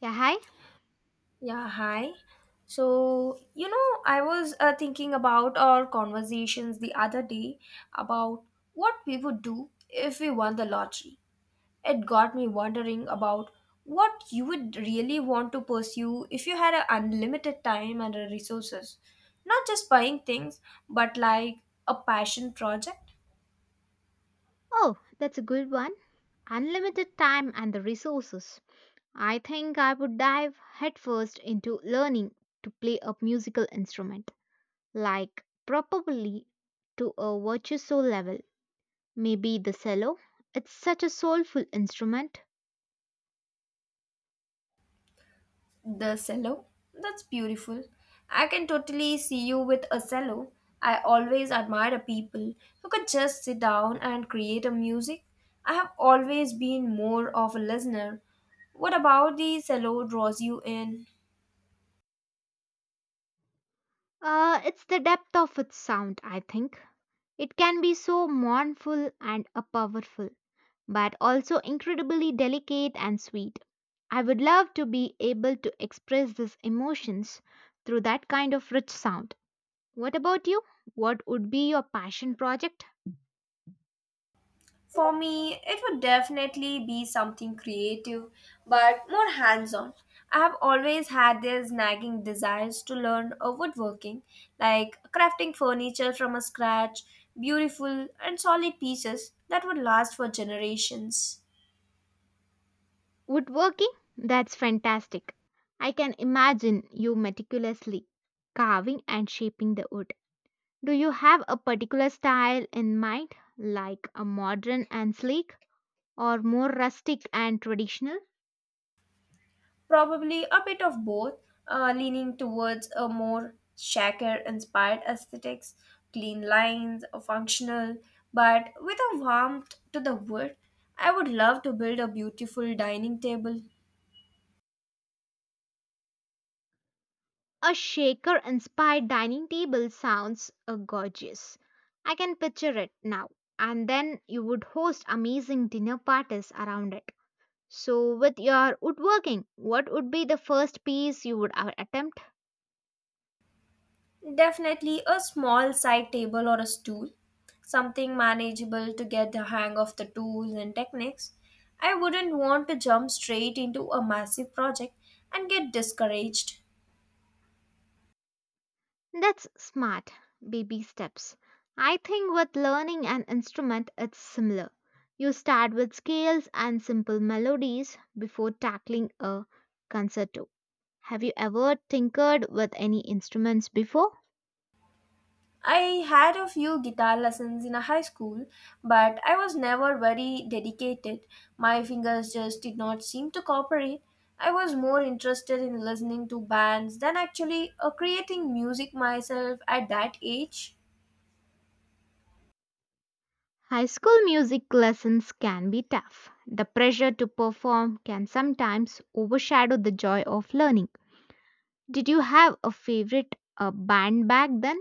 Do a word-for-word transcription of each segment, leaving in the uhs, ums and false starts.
Yeah, hi. Yeah, hi. So, you know, I was uh, thinking about our conversations the other day about what we would do if we won the lottery. It got me wondering about what you would really want to pursue if you had a unlimited time and uh, resources. Not just buying things, but like a passion project. Oh, that's a good one. Unlimited time and the resources. I think I would dive headfirst into learning to play a musical instrument, like probably to a virtuoso level. Maybe the cello. It's such a soulful instrument. The cello? That's beautiful. I can totally see you with a cello. I always admire people who could just sit down and create a music. I have always been more of a listener. What about the cello draws you in? Uh, it's the depth of its sound, I think. It can be so mournful and uh, powerful, but also incredibly delicate and sweet. I would love to be able to express these emotions through that kind of rich sound. What about you? What would be your passion project? For me, it would definitely be something creative, but more hands on. I have always had these nagging desires to learn uh, woodworking, like crafting furniture from a scratch, beautiful and solid pieces that would last for generations. Woodworking? That's fantastic. I can imagine you meticulously carving and shaping the wood. Do you have a particular style in mind, like a modern and sleek, or more rustic and traditional? Probably a bit of both, uh, leaning towards a more shaker inspired aesthetics, clean lines, functional, but with a warmth to the wood. I would love to build a beautiful dining table, A shaker inspired dining table sounds uh, gorgeous. I can picture it now. And then you would host amazing dinner parties around it. So, with your woodworking, what would be the first piece you would a- attempt? definitely a small side table or a stool, something manageable to get the hang of the tools and techniques. I wouldn't want to jump straight into a massive project and get discouraged. That's smart. Baby steps. I think with learning an instrument, it's similar. You start with scales and simple melodies before tackling a concerto. Have you ever tinkered with any instruments before? I had a few guitar lessons in a high school, but I was never very dedicated. My fingers just did not seem to cooperate. I was more interested in listening to bands than actually uh, creating music myself at that age. High school music lessons can be tough. The pressure to perform can sometimes overshadow the joy of learning. Did you have a favorite uh, band back then?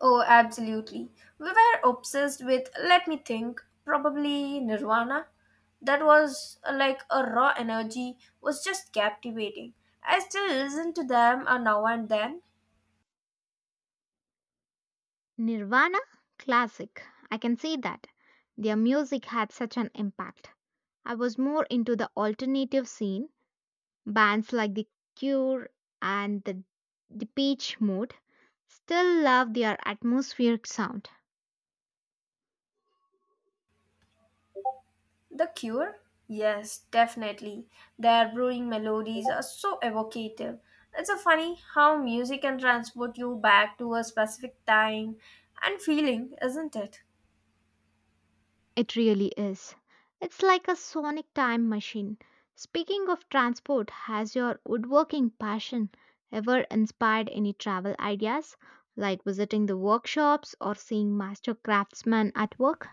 Oh, absolutely. We were obsessed with, let me think, probably Nirvana. That was uh, like a raw energy, was just captivating. I still listen to them uh, now and then. Nirvana? Classic. I can see that. Their music had such an impact. I was more into the alternative scene, bands like The Cure and The, the Peach Mode. Still love their atmospheric sound. The Cure? Yes, definitely. Their brewing melodies are so evocative. It's so funny how music can transport you back to a specific time and feeling, isn't it? It really is. It's like a sonic time machine. Speaking of transport, has your woodworking passion ever inspired any travel ideas, like visiting the workshops or seeing master craftsmen at work?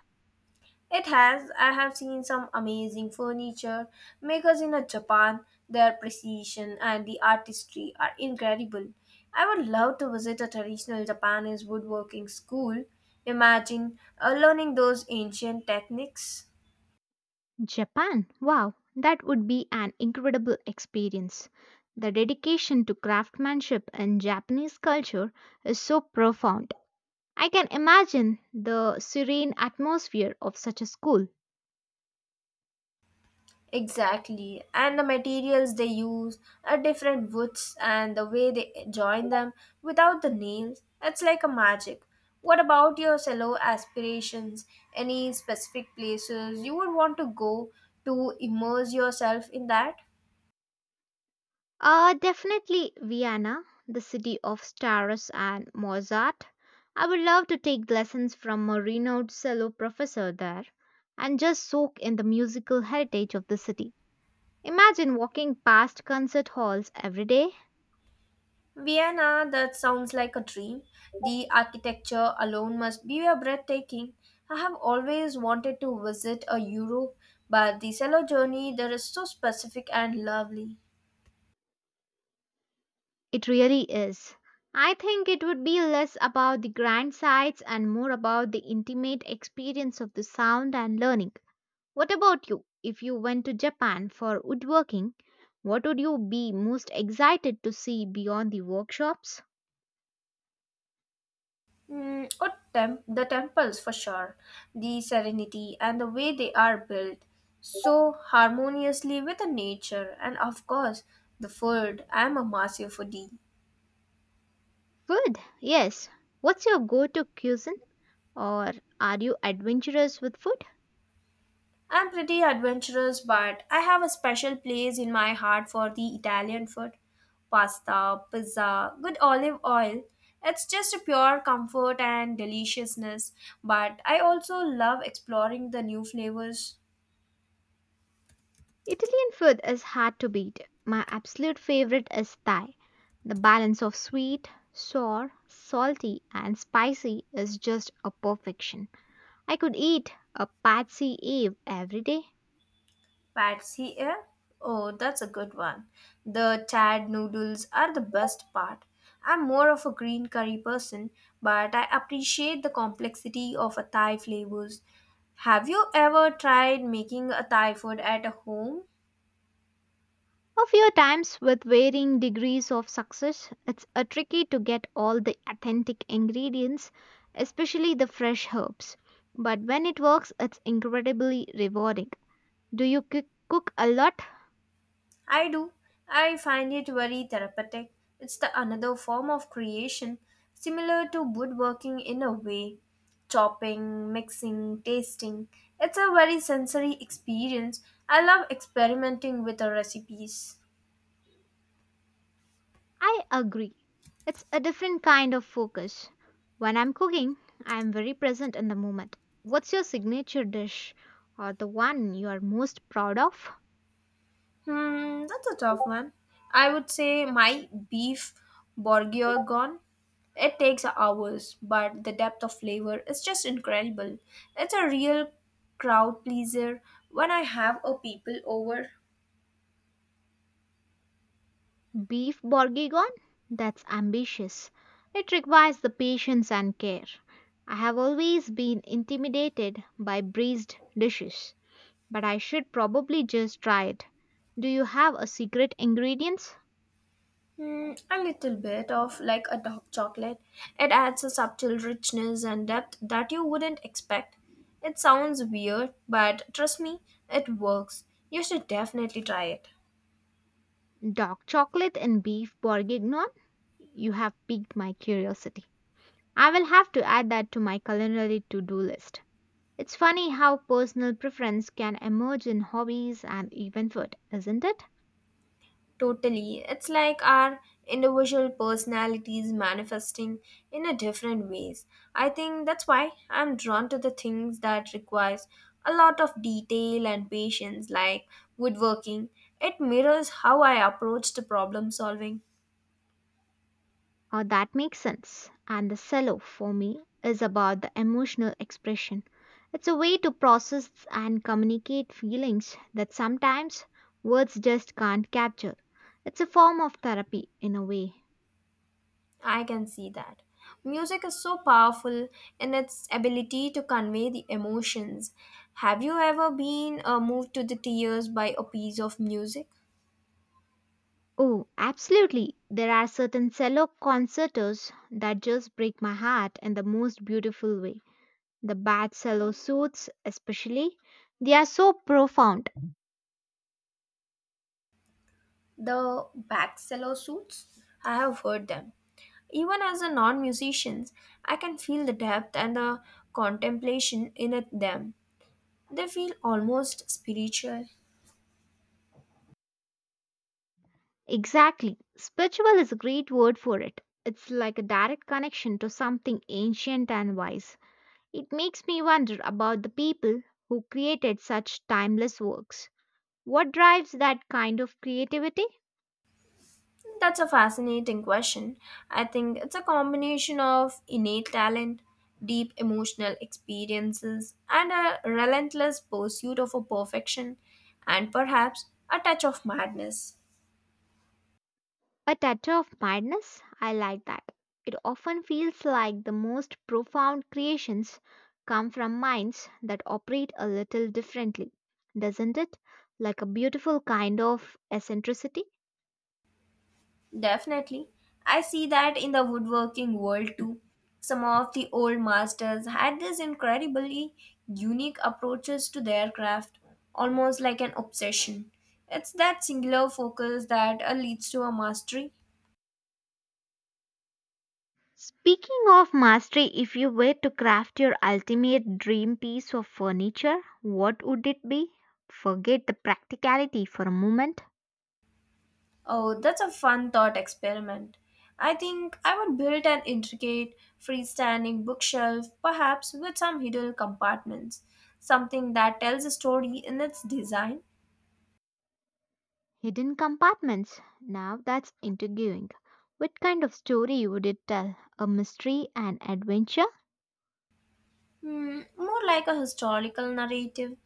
It has. I have seen some amazing furniture makers in uh, Japan. Their precision and the artistry are incredible. I would love to visit a traditional Japanese woodworking school. Imagine uh, learning those ancient techniques. Japan, wow, that would be an incredible experience. The dedication to craftsmanship in Japanese culture is so profound. I can imagine the serene atmosphere of such a school. Exactly, and the materials they use are different woods and the way they join them without the nails, it's like a magic. What about your solo aspirations? Any specific places you would want to go to immerse yourself in that? Uh, definitely Vienna, the city of stars and Mozart. I would love to take lessons from a renowned cello professor there and just soak in the musical heritage of the city. Imagine walking past concert halls every day. Vienna, that sounds like a dream. The architecture alone must be a breathtaking. I have always wanted to visit a Europe, but the solo journey there is so specific and lovely. It really is. I think it would be less about the grand sights and more about the intimate experience of the sound and learning. What about you? If you went to Japan for woodworking, what would you be most excited to see beyond the workshops? Mm, or tem- the temples for sure, the serenity and the way they are built, so harmoniously with the nature, and of course, the food. I'm a massive foodie. Food, yes. What's your go to cuisine? Or are you adventurous with food? I'm pretty adventurous, but I have a special place in my heart for the Italian food pasta, pizza, good olive oil. It's just a pure comfort and deliciousness, but I also love exploring the new flavors. Italian food is hard to beat. My absolute favorite is Thai. The balance of sweet, sour, salty, and spicy is just a perfection. I could eat a patsy Eve every day. Patsy eh? Oh, that's a good one. The tad noodles are the best part. I'm more of a green curry person, but I appreciate the complexity of a Thai flavors. Have you ever tried making a Thai food at home? A few times with varying degrees of success, it's a tricky to get all the authentic ingredients, especially the fresh herbs. But when it works, it's incredibly rewarding. Do you cook cook a lot? I do. I find it very therapeutic. It's the another form of creation, similar to woodworking in a way. Chopping, mixing, tasting. It's a very sensory experience. I love experimenting with the recipes. I agree. It's a different kind of focus. When I'm cooking, I'm very present in the moment. What's your signature dish or the one you are most proud of? Hmm, that's a tough one. I would say my beef bourguignon. It takes hours, but the depth of flavor is just incredible. It's a real crowd pleaser. When I have a people over, Beef bourguignon? That's ambitious. It requires the patience and care. I have always been intimidated by braised dishes, but I should probably just try it. Do you have a secret ingredients? hmm, a little bit of like a dark chocolate, it adds a subtle richness and depth that you wouldn't expect. It sounds weird, but trust me, it works. You should definitely try it. Dark chocolate and beef bourguignon? You have piqued my curiosity. I will have to add that to my culinary to-do list. It's funny how personal preference can emerge in hobbies and even food, isn't it? Totally. It's like our individual personalities manifesting in a different ways. I think that's why I'm drawn to the things that requires a lot of detail and patience like woodworking. It mirrors how I approach the problem solving. Uh, that makes sense. And the cello for me is about the emotional expression. It's a way to process and communicate feelings that sometimes words just can't capture. It's a form of therapy in a way. I can see that. Music is so powerful in its ability to convey the emotions. Have you ever been uh, moved to the tears by a piece of music? Oh, absolutely. There are certain cello concertos that just break my heart in the most beautiful way. The bad cello suites, especially, they are so profound. The Baxello suits? I have heard them. Even as a non musician, I can feel the depth and the contemplation in it- them. They feel almost spiritual. Exactly. Spiritual is a great word for it. It's like a direct connection to something ancient and wise. It makes me wonder about the people who created such timeless works. What drives that kind of creativity? That's a fascinating question. I think it's a combination of innate talent, deep emotional experiences, and a relentless pursuit of a perfection, and perhaps a touch of madness. A touch of madness? I like that. It often feels like the most profound creations come from minds that operate a little differently, doesn't it? Like a beautiful kind of eccentricity. Definitely. I see that in the woodworking world too. Some of the old masters had these incredibly unique approaches to their craft, almost like an obsession. It's that singular focus that uh, leads to a mastery. Speaking of mastery, if you were to craft your ultimate dream piece of furniture, what would it be? Forget the practicality for a moment. Oh, that's a fun thought experiment. I think I would build an intricate, freestanding bookshelf, perhaps with some hidden compartments, something that tells a story in its design. Hidden compartments. Now that's intriguing. What kind of story would it tell? A mystery, an adventure? Hmm, more like a historical narrative,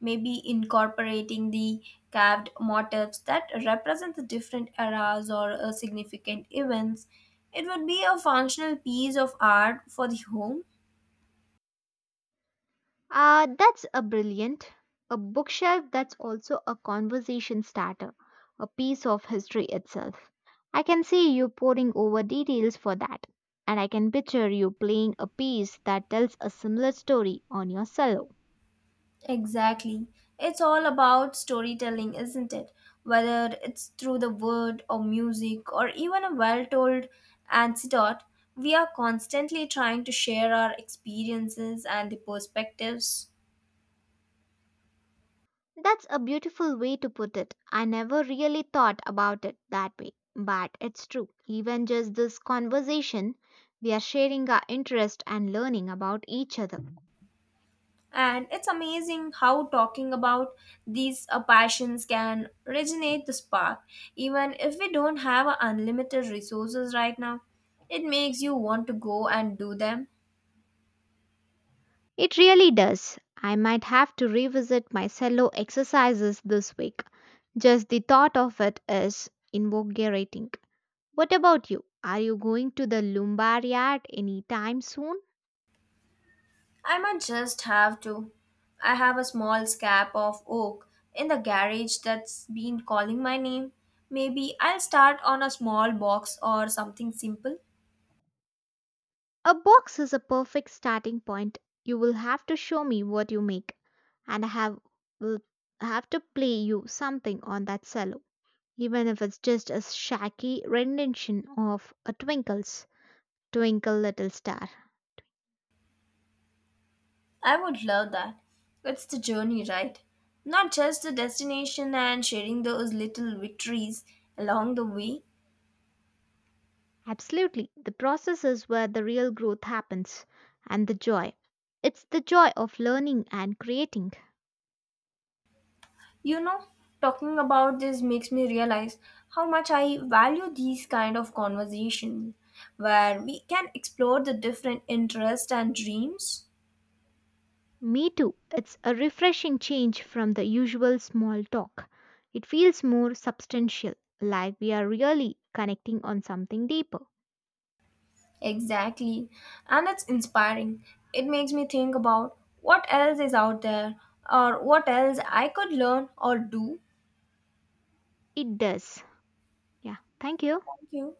maybe incorporating the carved motifs that represent the different eras or uh, significant events. It would be a functional piece of art for the home. Uh, that's a brilliant. A bookshelf that's also a conversation starter, a piece of history itself. I can see you poring over details for that, and I can picture you playing a piece that tells a similar story on your cello. Exactly. It's all about storytelling, isn't it? Whether it's through the word or music or even a well told anecdote, we are constantly trying to share our experiences and the perspectives. That's a beautiful way to put it. I never really thought about it that way, but it's true. Even just this conversation, we are sharing our interest and learning about each other. And it's amazing how talking about these uh, passions can originate the spark. Even if we don't have uh, unlimited resources right now, it makes you want to go and do them. It really does. I might have to revisit my cello exercises this week. Just the thought of it is invigorating. What about you? Are you going to the Lumbaryard anytime soon? I might just have to. I have a small scrap of oak in the garage that's been calling my name. Maybe I'll start on a small box or something simple. A box is a perfect starting point. You will have to show me what you make, and I have will have to play you something on that cello, even if it's just a shaky rendition of a Twinkle's Twinkle Little Star. I would love that. It's the journey, right? Not just the destination and sharing those little victories along the way. Absolutely. The process is where the real growth happens and the joy. It's the joy of learning and creating. You know, talking about this makes me realize how much I value these kind of conversations where we can explore the different interests and dreams. Me too. It's a refreshing change from the usual small talk. It feels more substantial, like we are really connecting on something deeper. Exactly. And it's inspiring. It makes me think about what else is out there or what else I could learn or do. It does. Yeah. Thank you. Thank you.